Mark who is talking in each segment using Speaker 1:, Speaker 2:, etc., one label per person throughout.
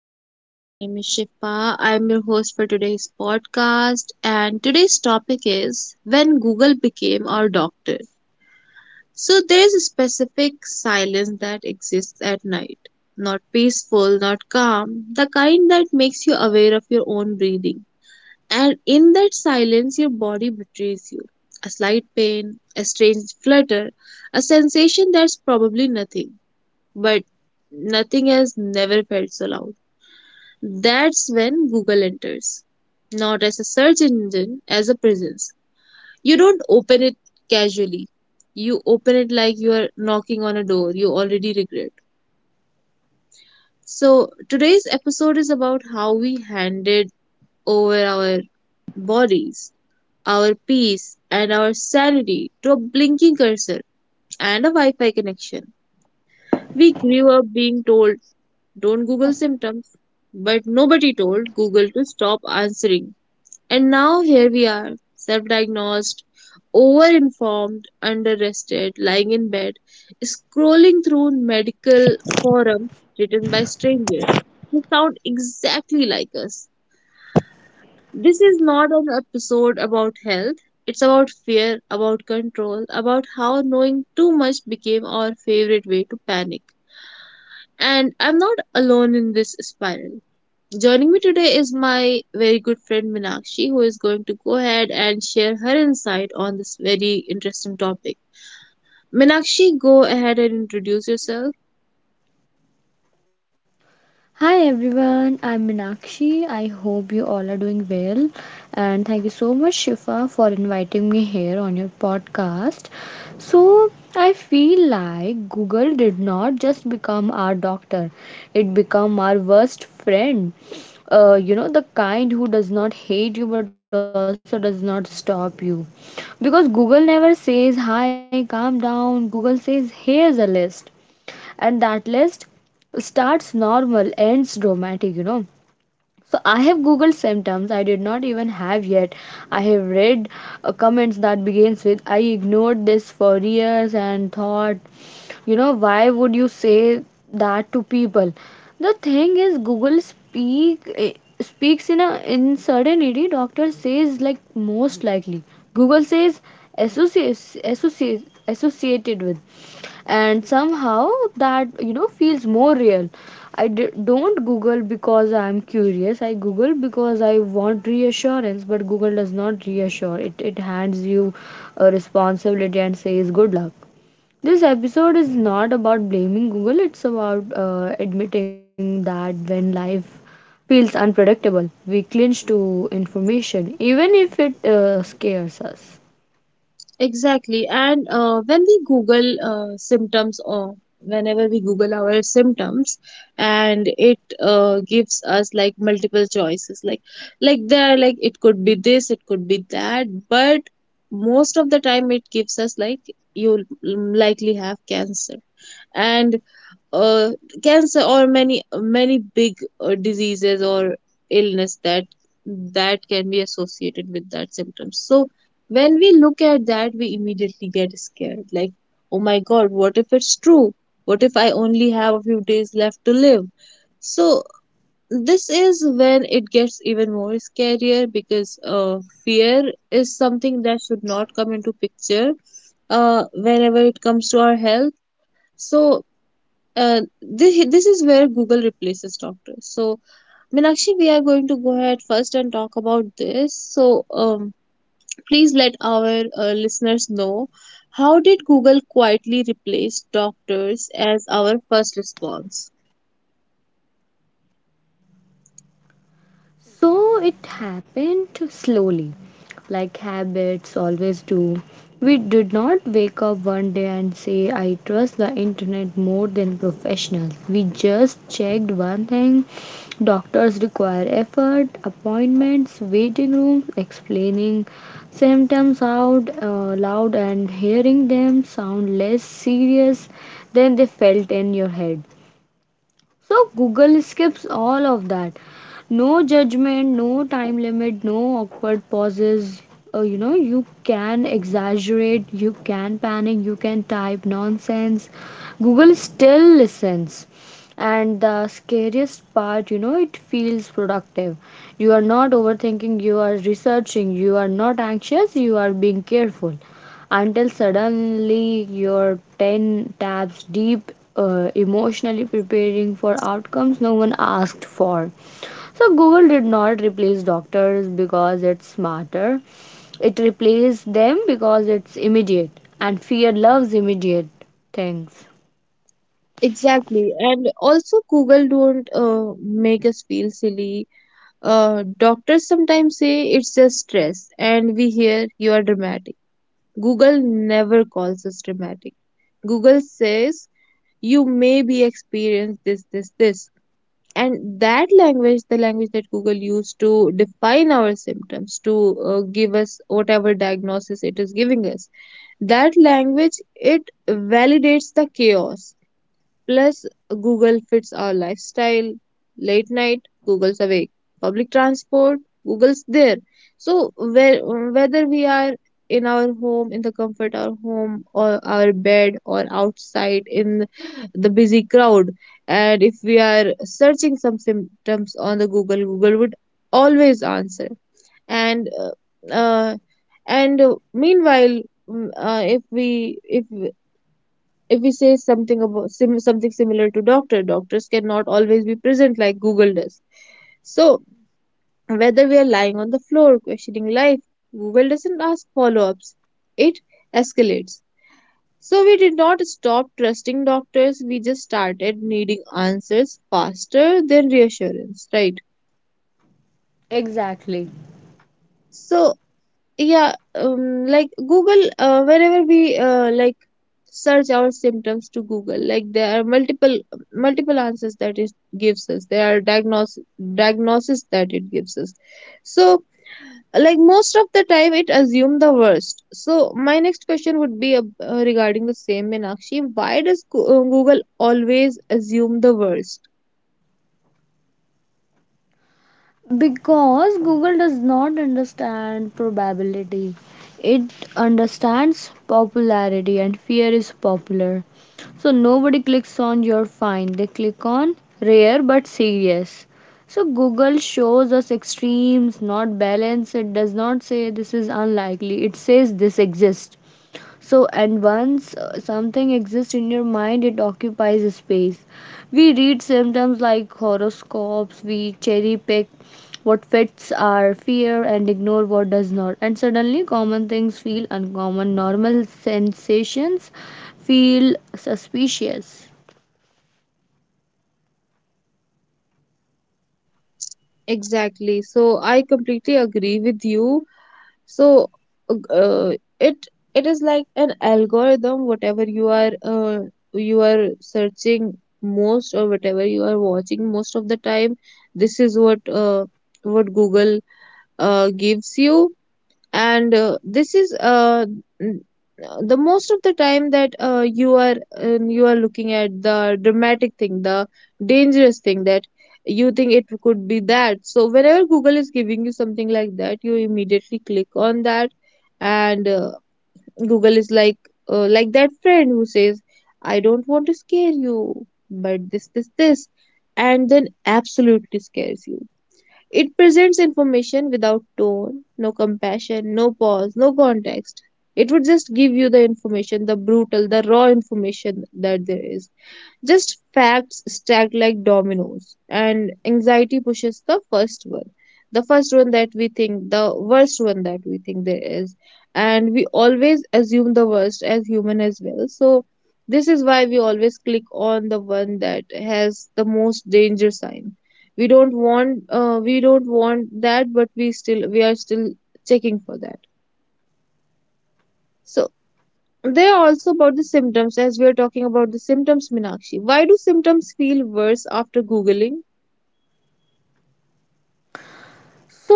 Speaker 1: Everyone, my name is Shifa. I'm your host for today's podcast, and today's topic is when Google became our doctor. So, there is a specific silence that exists at night. Not peaceful, not calm, the kind that makes you aware of your own breathing. And in that silence, your body betrays you. A slight pain, a strange flutter, a sensation that's probably nothing, but nothing has never felt so loud. That's when Google enters, not as a search engine, as a presence. You don't open it casually. You open it like you are knocking on a door you already regret. So, today's episode is about how we handed over our bodies, our peace, and our sanity to a blinking cursor and a Wi Fi connection. We grew up being told, don't Google symptoms, but nobody told Google to stop answering. And now here we are, self-diagnosed, over-informed, under-rested, lying in bed, scrolling through medical forums written by strangers who sound exactly like us. This is not an episode about health. It's about fear, about control, about how knowing too much became our favorite way to panic. And I'm not alone in this spiral. Joining me today is my very good friend Minakshi, who is going to go ahead and share her insight on this very interesting topic. Minakshi, go ahead and introduce yourself.
Speaker 2: Hi everyone, I'm Minakshi. I hope you all are doing well. And thank you so much, Shifa, for inviting me here on your podcast. So, I feel like Google did not just become our doctor, it became our worst friend. The kind who does not hate you but also does not stop you. Because Google never says, Hi, calm down. Google says, Here's a list and that list starts normal, ends dramatic. So I have googled symptoms I did not even have yet. I have read comments that begins with I ignored this for years and thought, why would you say that to people? The thing is Google speaks in a in certainty. Doctor says like most likely. Google says associated with, and somehow that feels more real. I don't google because I'm curious. I google because I want reassurance, but google does not reassure. It hands you a responsibility and says good luck. This episode is not about blaming google. It's about admitting that when life feels unpredictable, we clinch to information even if it scares us.
Speaker 1: Exactly. And when we Google symptoms, or whenever we Google our symptoms, and it gives us like multiple choices, like there, are, like it could be this, it could be that, but most of the time it gives us like you likely have cancer and uh, cancer or many many big diseases or illness that can be associated with that symptom. So when we look at that we immediately get scared like, oh my god, what if it's true, what if I only have a few days left to live? So this is when it gets even more scarier because fear is something that should not come into picture whenever it comes to our health. So this is where Google replaces doctors. So, Minakshi, we are going to go ahead first and talk about this. So, please let our listeners know, how did Google quietly replace doctors as our first response?
Speaker 2: So it happened slowly, like habits always do. We did not wake up one day and say, I trust the internet more than professionals. We just checked one thing. Doctors require effort, appointments, waiting rooms, explaining symptoms out loud, and hearing them sound less serious than they felt in your head. So Google skips all of that. No judgment, no time limit, no awkward pauses. You can exaggerate, you can panic, you can type nonsense. Google still listens. And the scariest part, it feels productive. You are not overthinking, you are researching, you are not anxious, you are being careful until suddenly you're 10 tabs deep, emotionally preparing for outcomes no one asked for. So google did not replace doctors because it's smarter. It replaced them because it's immediate, and fear loves immediate things.
Speaker 1: Exactly, and also Google don't make us feel silly. Doctors sometimes say it's just stress, and we hear you are dramatic. Google never calls us dramatic. Google says, you may be experienced this, this, this, and that language, the language that Google used to define our symptoms to give us whatever diagnosis it is giving us, that language, it validates the chaos. Plus, Google fits our lifestyle, late night, Google's awake, public transport, Google's there. So, whether we are in our home, in the comfort of our home, or our bed, or outside in the busy crowd, and if we are searching some symptoms on the Google, Google would always answer. And meanwhile, mm, uh, if we if if we say something about something similar to doctor, doctors cannot always be present like Google does. So, whether we are lying on the floor questioning life, Google doesn't ask follow ups, it escalates. So, we did not stop trusting doctors, we just started needing answers faster than reassurance, right?
Speaker 2: Exactly.
Speaker 1: So, yeah, like Google, whenever we like search our symptoms to Google, like there are multiple answers that it gives us, there are diagnosis that it gives us. So like most of the time it assume the worst, so my next question would be regarding the same, meenakshi why does Google always assume the worst?
Speaker 2: Because Google does not understand probability, it understands popularity, and fear is popular. So nobody clicks on you're fine, they click on rare but serious. So Google shows us extremes, not balance. It does not say this is unlikely, it says this exists. So, and once something exists in your mind, it occupies space. We read symptoms like horoscopes, we cherry pick what fits our fear and ignore what does not. And suddenly, common things feel uncommon, normal sensations feel suspicious.
Speaker 1: Exactly, so I completely agree with you. So uh, it it is like an algorithm, whatever you are searching most, or whatever you are watching most of the time, this is what Google gives you. And n- the most of the time that you are looking at the dramatic thing, the dangerous thing that you think it could be that, so whenever Google is giving you something like that you immediately click on that. And Google is like that friend who says, I don't want to scare you, but this, and then absolutely scares you. It presents information without tone, no compassion, no pause, no context. It would just give you the information, the brutal, the raw information that there is. Just facts stacked like dominoes, and anxiety pushes the first one. The first one that we think, the worst one that we think there is. And we always assume the worst as human as well. So, this is why we always click on the one that has the most danger sign. We don't want that, but we are still checking for that. So they are also about the symptoms, as we are talking about the symptoms, Minakshi. Why do symptoms feel worse after Googling?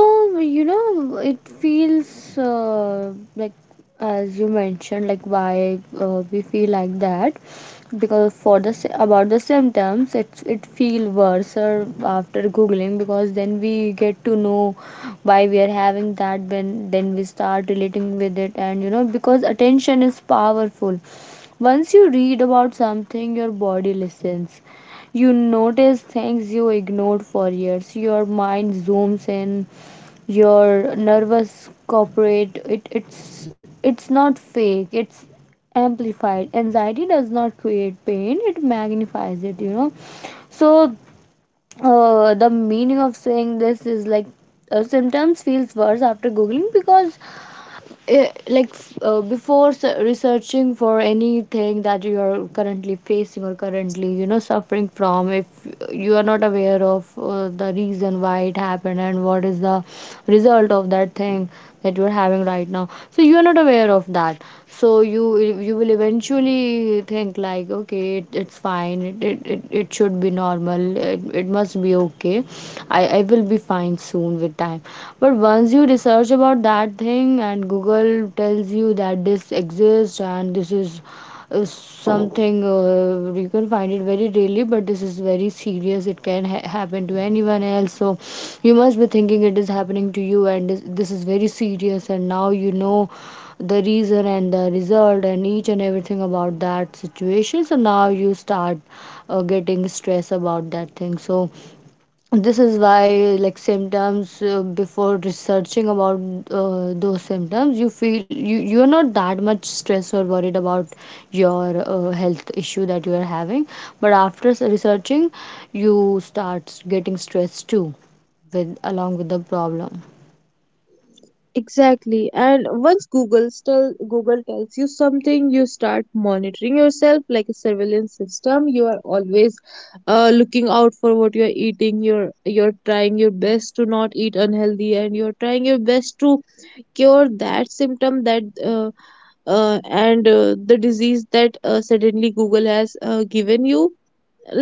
Speaker 2: So it feels like, as you mentioned, like why we feel like that, because for the about the symptoms, it feel worse or after googling, because then we get to know why we are having that. When then we start relating with it, and because attention is powerful, once you read about something your body listens, you notice things you ignored for years, your mind zooms in, your nervous cooperate, it's not fake, it's amplified. Anxiety does not create pain, it magnifies it. So the meaning of saying this is like, symptoms feels worse after googling because, before researching for anything that you are currently facing or currently suffering from, if you are not aware of the reason why it happened and what is the result of that thing that you are having right now, so you are not aware of that. So you will eventually think like okay, it's fine, it should be normal, it must be okay, I will be fine soon with time. But once you research about that thing, and google tells you that this exists, and this is something, you can find it very rarely but this is very serious, it can happen to anyone else. So you must be thinking it is happening to you, and this is very serious, and now you know the reason and the result and each and everything about that situation. So now you start getting stress about that thing. So this is why, like, symptoms before researching about those symptoms, you feel, you are not that much stressed or worried about your health issue that you are having. But after researching, you start getting stressed too, with along with the problem.
Speaker 1: Exactly. And once Google, still Google tells you something, you start monitoring yourself like a surveillance system. You are always looking out for what you are eating. You're trying your best to not eat unhealthy, and you're trying your best to cure that symptom that uh, and the disease that suddenly Google has given you.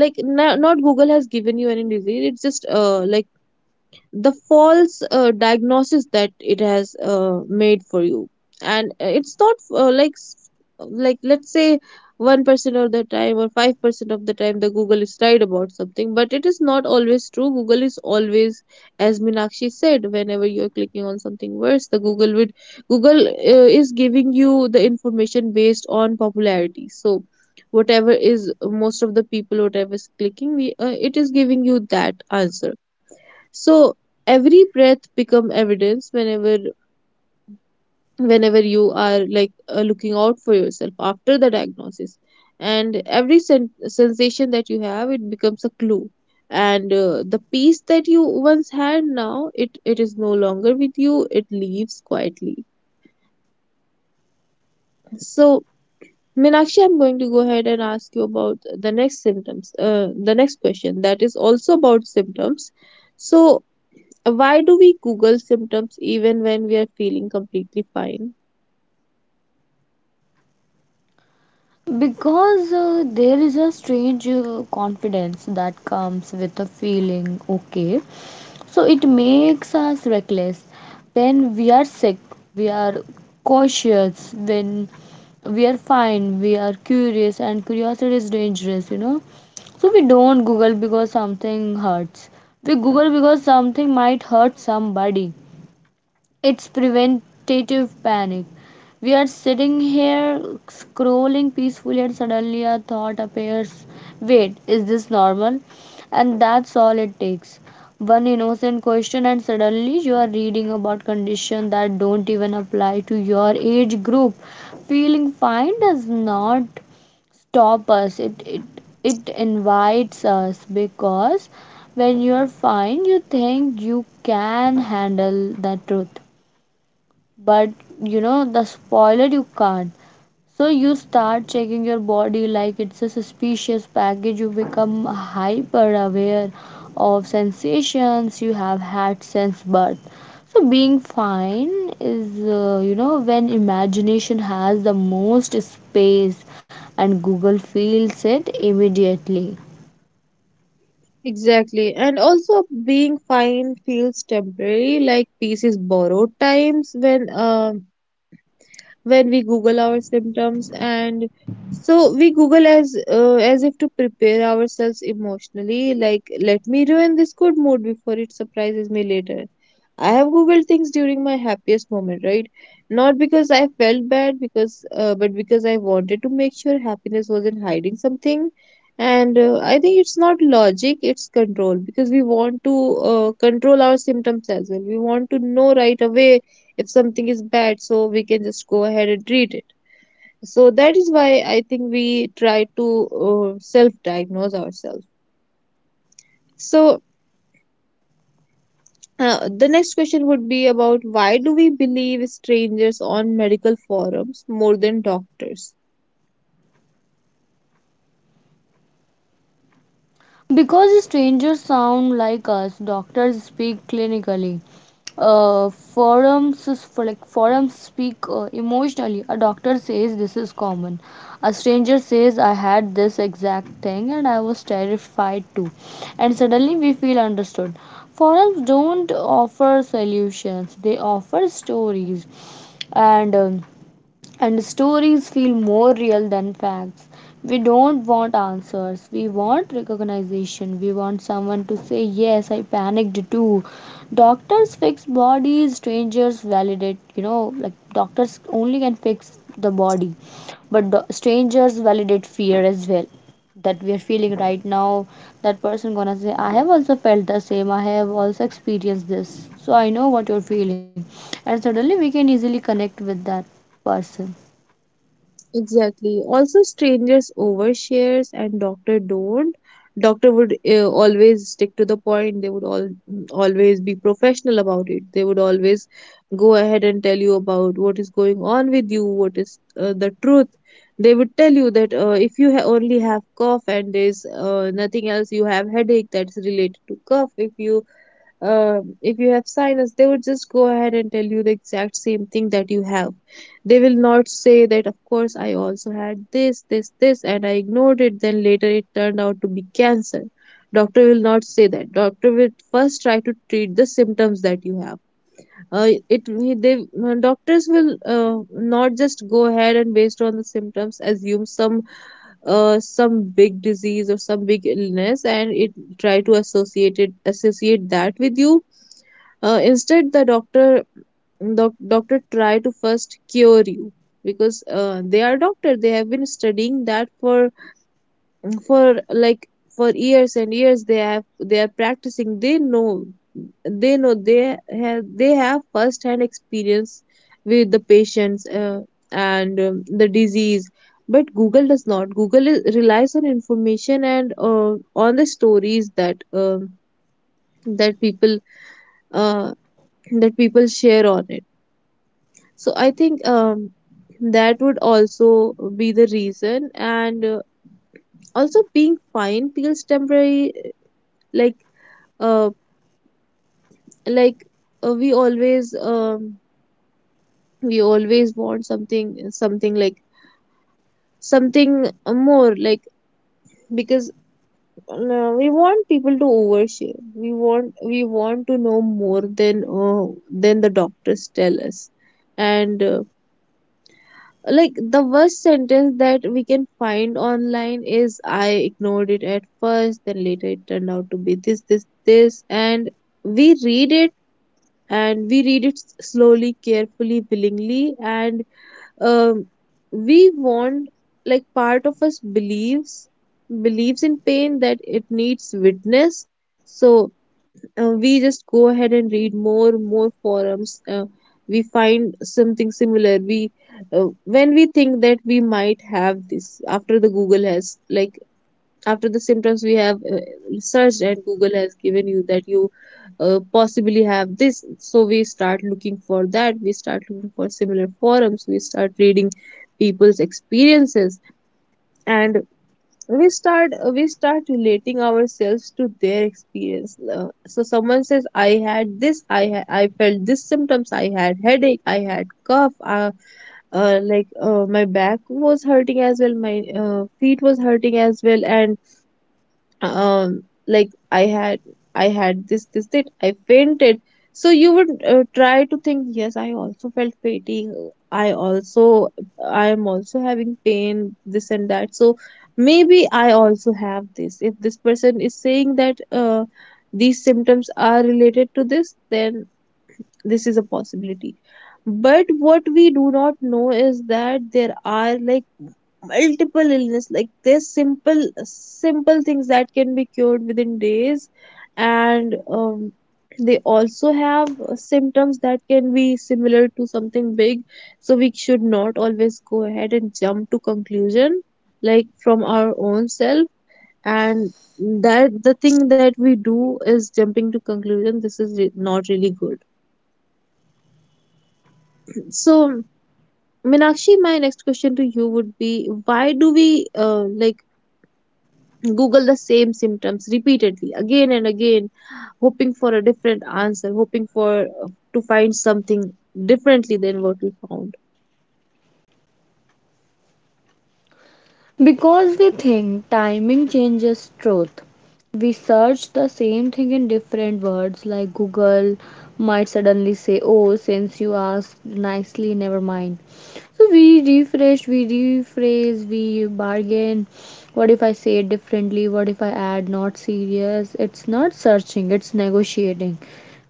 Speaker 1: Like no, not Google has given you any disease, it's just like the false diagnosis that it has made for you. And it's not like like let's say 1% of the time or 5% of the time the Google is right about something, but it is not always true. Google is always, as Minakshi said, whenever you are clicking on something worse, the Google would, Google is giving you the information based on popularity. So whatever is most of the people whatever is clicking, we it is giving you that answer. So every breath become evidence, whenever you are like looking out for yourself after the diagnosis, and every sensation that you have, it becomes a clue. And the peace that you once had, now it is no longer with you, it leaves quietly. So Minakshi, I'm going to go ahead and ask you about the next symptoms, the next question that is also about symptoms. So, why do we Google symptoms even when we are feeling completely fine?
Speaker 2: Because there is a strange confidence that comes with a feeling okay. So it makes us reckless. When we are sick, we are cautious. When we are fine, we are curious, and curiosity is dangerous. So we don't Google because something hurts. We Google because something might hurt somebody. It's preventative panic. We are sitting here scrolling peacefully, and suddenly a thought appears, wait, is this normal? And that's all it takes. One innocent question, and suddenly you are reading about conditions that don't even apply to your age group. Feeling fine does not stop us, it invites us, because when you're fine, you think you can handle the truth, but you know the spoiler, you can't. So you start checking your body like it's a suspicious package. You become hyper aware of sensations you have had since birth. So being fine is when imagination has the most space, and Google feels it immediately.
Speaker 1: Exactly. And also, being fine feels temporary, like peace is borrowed times. When we Google our symptoms, and so we Google as if to prepare ourselves emotionally, like, let me ruin this good mood before it surprises me later. I have Googled things during my happiest moment, right? Not because I felt bad, because but because I wanted to make sure happiness wasn't hiding something. And I think it's not logic, it's control, because we want to control our symptoms as well, we want to know right away if something is bad so we can just go ahead and read it. So that is why I think we try to self diagnose ourselves. So the next question would be about, why do we believe strangers on medical forums more than doctors?
Speaker 2: Because strangers sound like us, doctors speak clinically. Forums is- for like forums speak emotionally. A doctor says this is common. A stranger says I had this exact thing and I was terrified too. And suddenly we feel understood. Forums don't offer solutions. They offer stories and. um and stories feel more real than facts. We don't want answers, we want recognition. We want someone to say, Yes, I panicked too. Doctors fix bodies, strangers validate, like doctors only can fix the body, but the strangers validate fear as well that we are feeling right now. That person gonna say, I have also felt the same, I have also experienced this, so I know what you're feeling, and suddenly we can easily connect with that person.
Speaker 1: Exactly. Also, strangers overshares and doctor don't. Doctor would always stick to the point. They would all always be professional about it. They would always go ahead and tell you about what is going on with you, what is the truth. They would tell you that if you only have cough and there's nothing else, you have headache that's related to cough. If you have sinus, they would just go ahead and tell you the exact same thing that you have. They will not say that, of course, I also had this, this, this, and I ignored it, then later it turned out to be cancer. Doctor will not say that. Doctor will first try to treat the symptoms that you have. It they Doctors will not just go ahead and based on the symptoms assume some big disease or some big illness and it try to associate that with you. Uh, instead, the doctor, doctor try to first cure you, because they are doctor. They have been studying that for for like for years and years. They are practicing. They know they have first hand experience with the patients, and the disease. But Google does not, Google is, relies on information and on the stories that that people uh, that people share on it. So I think that would also be the reason. And Also being fine feels temporary. Like uh, like uh, we always um, we always want something like something more, because we want people to overshare. We want to know more than the doctors tell us. And like the worst sentence that we can find online is I ignored it at first, then later it turned out to be this, this, this, and we read it and we read it slowly, carefully, willingly, and um, we want, like part of us believes in pain that it needs witness, so we just go ahead and read more forums. We find something similar, we when we think that we might have this after the google has like, after the symptoms we have searched and google has given you that you possibly have this, so we start looking for that, we start looking for similar forums, we start reading people's experiences, and we start relating ourselves to their experience. So someone says I had this, I felt this symptoms, I had headache, I had cough, my back was hurting as well, my feet was hurting as well, and um like I had, I had this that I fainted. So you would try to think yes, I also felt fainting. I also, I am also having pain this and that, so maybe I also have this. If this person is saying that these symptoms are related to this, then this is a possibility. But what we do not know is that there are like multiple illness, like there's simple things that can be cured within days, and they also have symptoms that can be similar to something big. So we should not always go ahead and jump to conclusion, like from our own self, and that the thing that we do is jumping to conclusion, not really good. So Meenakshi, my next question to you would be, why do we like Google the same symptoms repeatedly again and again, hoping for a different answer, hoping for to find something differently than what we found?
Speaker 2: Because we think timing changes truth. We search the same thing in different words, like Google might suddenly say, Oh, since you asked nicely, never mind. So we refresh, we rephrase, we bargain. What if I say it differently? What if I add not serious? It's not searching, it's negotiating.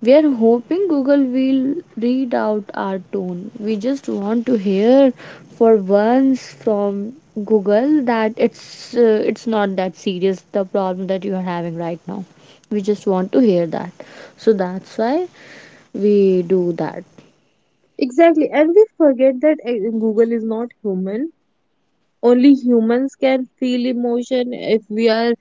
Speaker 2: We are hoping Google will read out our tone. We just want to hear for once from Google that it's not that serious, the problem that you are having right now. We just want to hear that. So that's why we do that.
Speaker 1: Exactly, and we forget that Google is not human. Only humans can feel emotion. If we are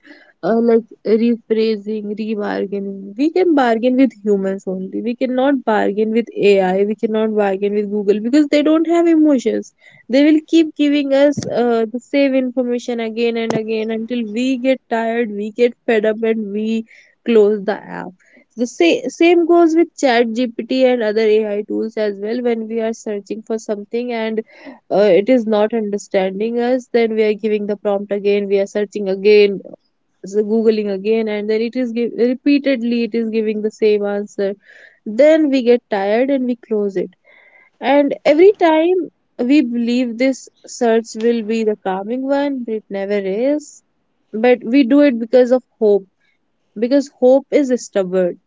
Speaker 1: like rephrasing, rebargaining, we can bargain with humans only, we cannot bargain with AI, we cannot bargain with google because they don't have emotions. They will keep giving us the same information again and again until we get tired, we get fed up, and we close the app. The same goes with chat gpt and other AI tools as well. When we are searching for something and it is not understanding us, then we are giving the prompt again, we are searching again, so googling again, and then it is give, repeatedly it is giving the same answer. Then we get tired and we close it. And every time we believe this search will be the calming one, but it never is. But we do it because of hope, because hope is stubborn.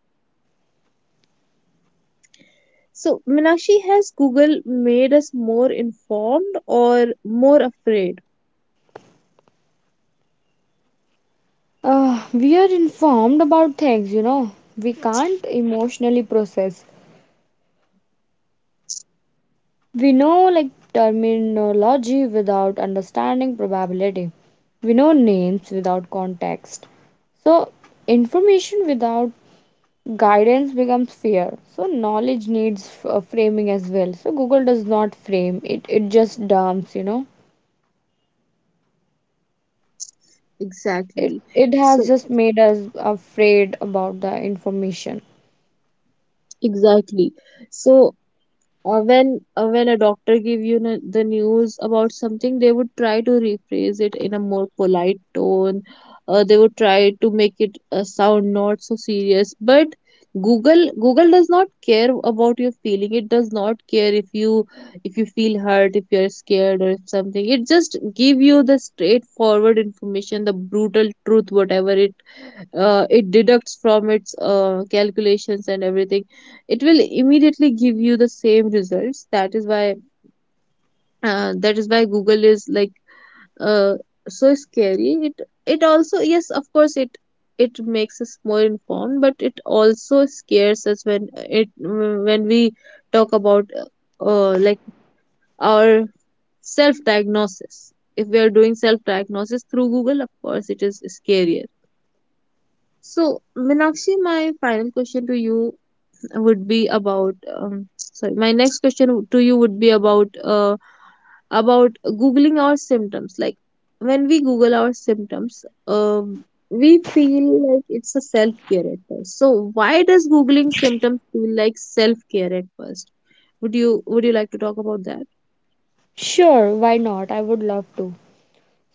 Speaker 1: So, Minakshi, has Google made us more informed or more afraid?
Speaker 2: We are informed about things, we can't emotionally process. We know like terminology without understanding probability. We know names without context. So, information without guidance becomes fear. So, knowledge needs framing as well. So, Google does not frame it, it just dumps. It,
Speaker 1: Exactly.
Speaker 2: it has
Speaker 1: So,
Speaker 2: just made us afraid about the information.
Speaker 1: exactly. So when a doctor give you the news about something, they would try to rephrase it in a more polite tone. They would try to make it sound not so serious. But Google does not care about your feeling. It does not care if you feel hurt, if you're scared, or if something. It just give you the straightforward information, the brutal truth, whatever it it deducts from its calculations and everything. It will immediately give you the same results. That is why, that is why google is like, uh, so scary. It also, yes of course it, it makes us more informed, but it also scares us when it, when we talk about like our self diagnosis. If we are doing self diagnosis through google, of course it is scarier. So Minakshi, my final question to you would be about sorry, my next question to you would be about googling our symptoms. Like when we Google our symptoms, we feel like it's a self care at first. So why does googling symptoms feel like self care at first? Would you like to talk about that?
Speaker 2: Sure, why not? I would love to.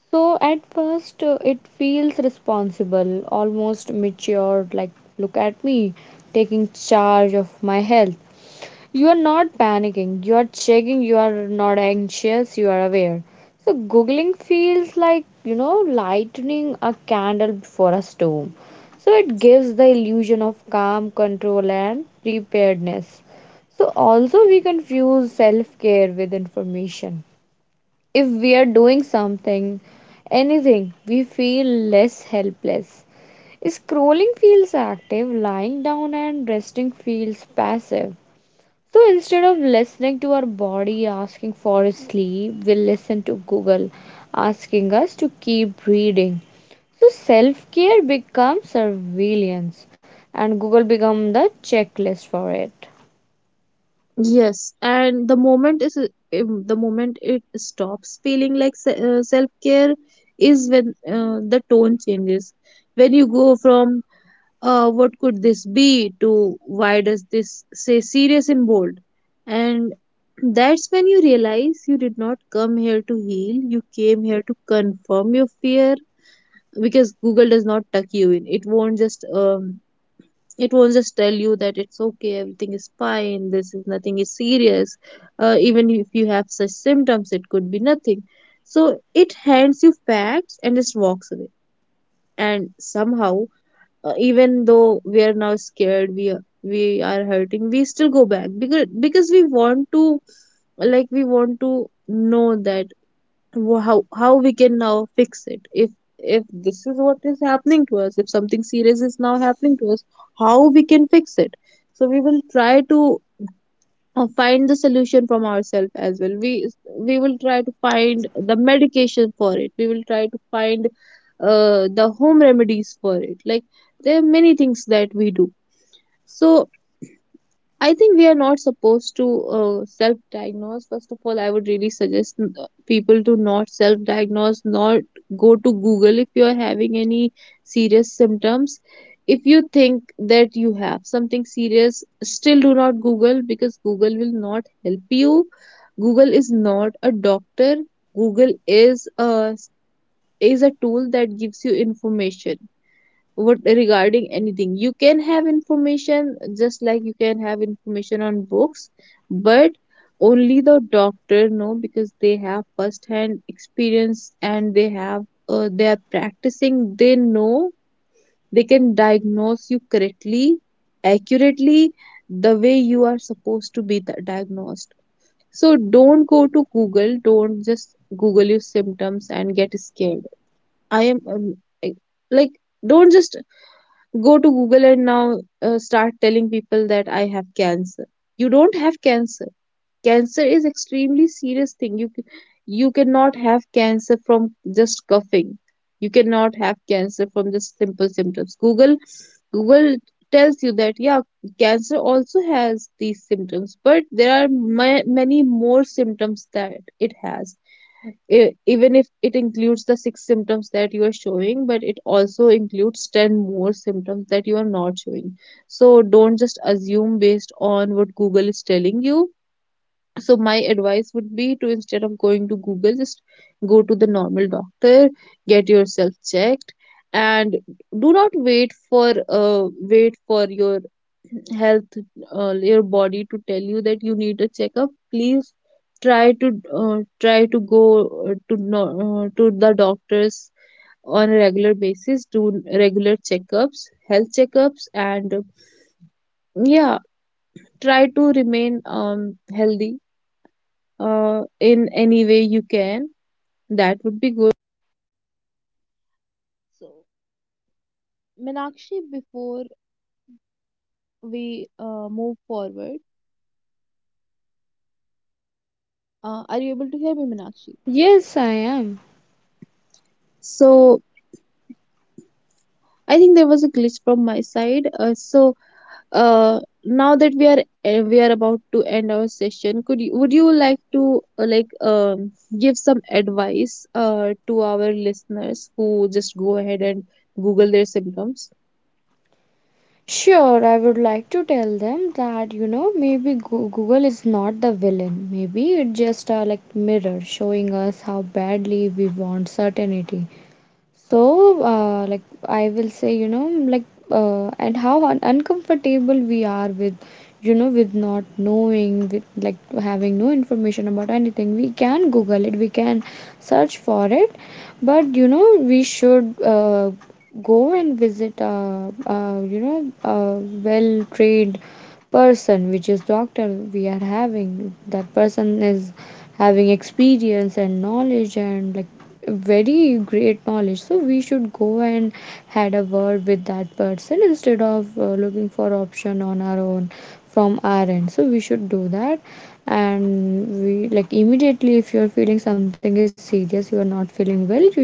Speaker 2: So at first, it feels responsible, almost mature, like, look at me taking charge of my health. You are not panicking, you are checking, you are not anxious, you are aware. So Googling feels like, lighting a candle before a storm. So it gives the illusion of calm, control, and preparedness. So also, we confuse self care with information. If we are doing something, anything, we feel less helpless. Scrolling feels active, lying down and resting feels passive. So instead of listening to our body asking for sleep, we listen to Google asking us to keep reading. So self care becomes surveillance, and Google become the checklist for it.
Speaker 1: Yes, and the moment it stops feeling like self care is when the tone changes. When you go from what could this be, to why does this say serious in bold, and that's when you realize you did not come here to heal, you came here to confirm your fear. Because google does not tuck you in, it won't just tell you that it's okay, everything is fine, this is nothing is serious. Even if you have such symptoms, it could be nothing. So it hands you facts and just walks away. And somehow even though we are now scared, we are hurting, we still go back because we want to, like we want to know that, wh- how how we can now fix it. If this is what is happening to us, if something serious is now happening to us, how we can fix it. So we will try to find the solution from ourselves as well. We will try to find the medication for it, we will try to find the home remedies for it, like there are many things that we do. So I think we are not supposed to self diagnose. First of all, I would really suggest people to not self diagnose, not go to Google if you are having any serious symptoms. If you think that you have something serious, still do not Google because Google will not help you. Google is not a doctor. Google is a tool that gives you information. What regarding anything, you can have information, just like you can have information on books. But only the doctor know, because they have first hand experience, and they have they are practicing, they know, they can diagnose you correctly, accurately, the way you are supposed to be diagnosed. So don't go to google, don't just google your symptoms and get scared. I am um, I- like don't just go to google and now start telling people that I have cancer. You don't have cancer. Cancer is extremely serious thing. You cannot have cancer from just coughing. You cannot have cancer from just simple symptoms. Google tells you that yeah, cancer also has these symptoms, but there are many more symptoms that it has. Even if it includes the six symptoms that you are showing, but it also includes 10 more symptoms that you are not showing. So don't just assume based on what Google is telling you. So my advice would be to instead of going to Google, just go to the normal doctor, get yourself checked, and do not wait for wait for your health, your body to tell you that you need a checkup. Please try to try to go to no, to the doctors on a regular basis. Do regular checkups, health checkups, and yeah, try to remain healthy in any way you can.
Speaker 2: Yes, I am.
Speaker 1: I think there was a glitch from my side. So now that we are, we are about to end our session, could you, would you like to give some advice to our listeners who just go ahead and Google their symptoms?
Speaker 2: Sure, I would like to tell them that, maybe Google is not the villain. Maybe it's just a like mirror showing us how badly we want certainty. So, I will say, and how un uncomfortable we are with, with not knowing, with like having no information about anything. We can Google it, we can search for it, but we should go and visit, uh, well-trained person which is doctor, we are having. That person is having experience and knowledge, and like very great knowledge, so we should go and had a word with that person, instead of looking for option on our own from our end. So we should do that. And we, like, immediately, if you're feeling something is serious, you are not feeling well, you should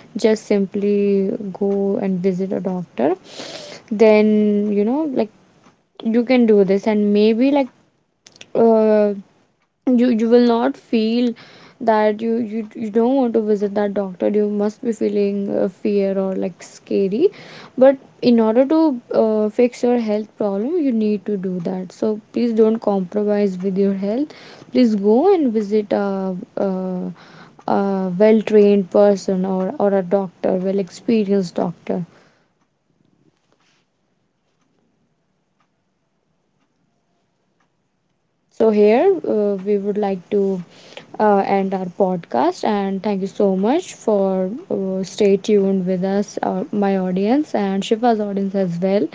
Speaker 2: just simply go and visit a doctor. Then like, you can do this, and maybe like uh, you will not feel that you, you don't want to visit that doctor. You must be feeling fear or like scary, but in order to fix your health problem, you need to do that. So please don't compromise with your health. Please go and visit a well trained person, or a doctor, well experienced doctor. So, here we would like to end our podcast, and thank you so much for stay tuned with us, my audience, and Shiva's audience as well.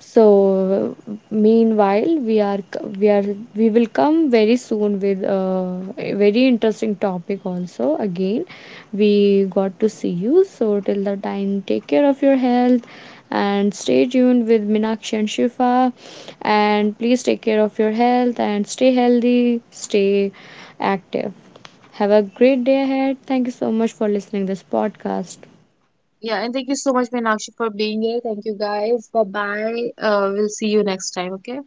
Speaker 2: So meanwhile, we are c- we are we will come very soon with a very interesting topic also. Again, we got to see you. So till the time, take care of your health and stay tuned with Minakshi and Shifa. And please take care of your health and stay healthy, stay active. Have a great day ahead. Thank you so much for listening this podcast.
Speaker 1: Yeah, and thank you so much, Meenakshi, for being here. Thank you guys. Bye bye. We'll see you next time, okay?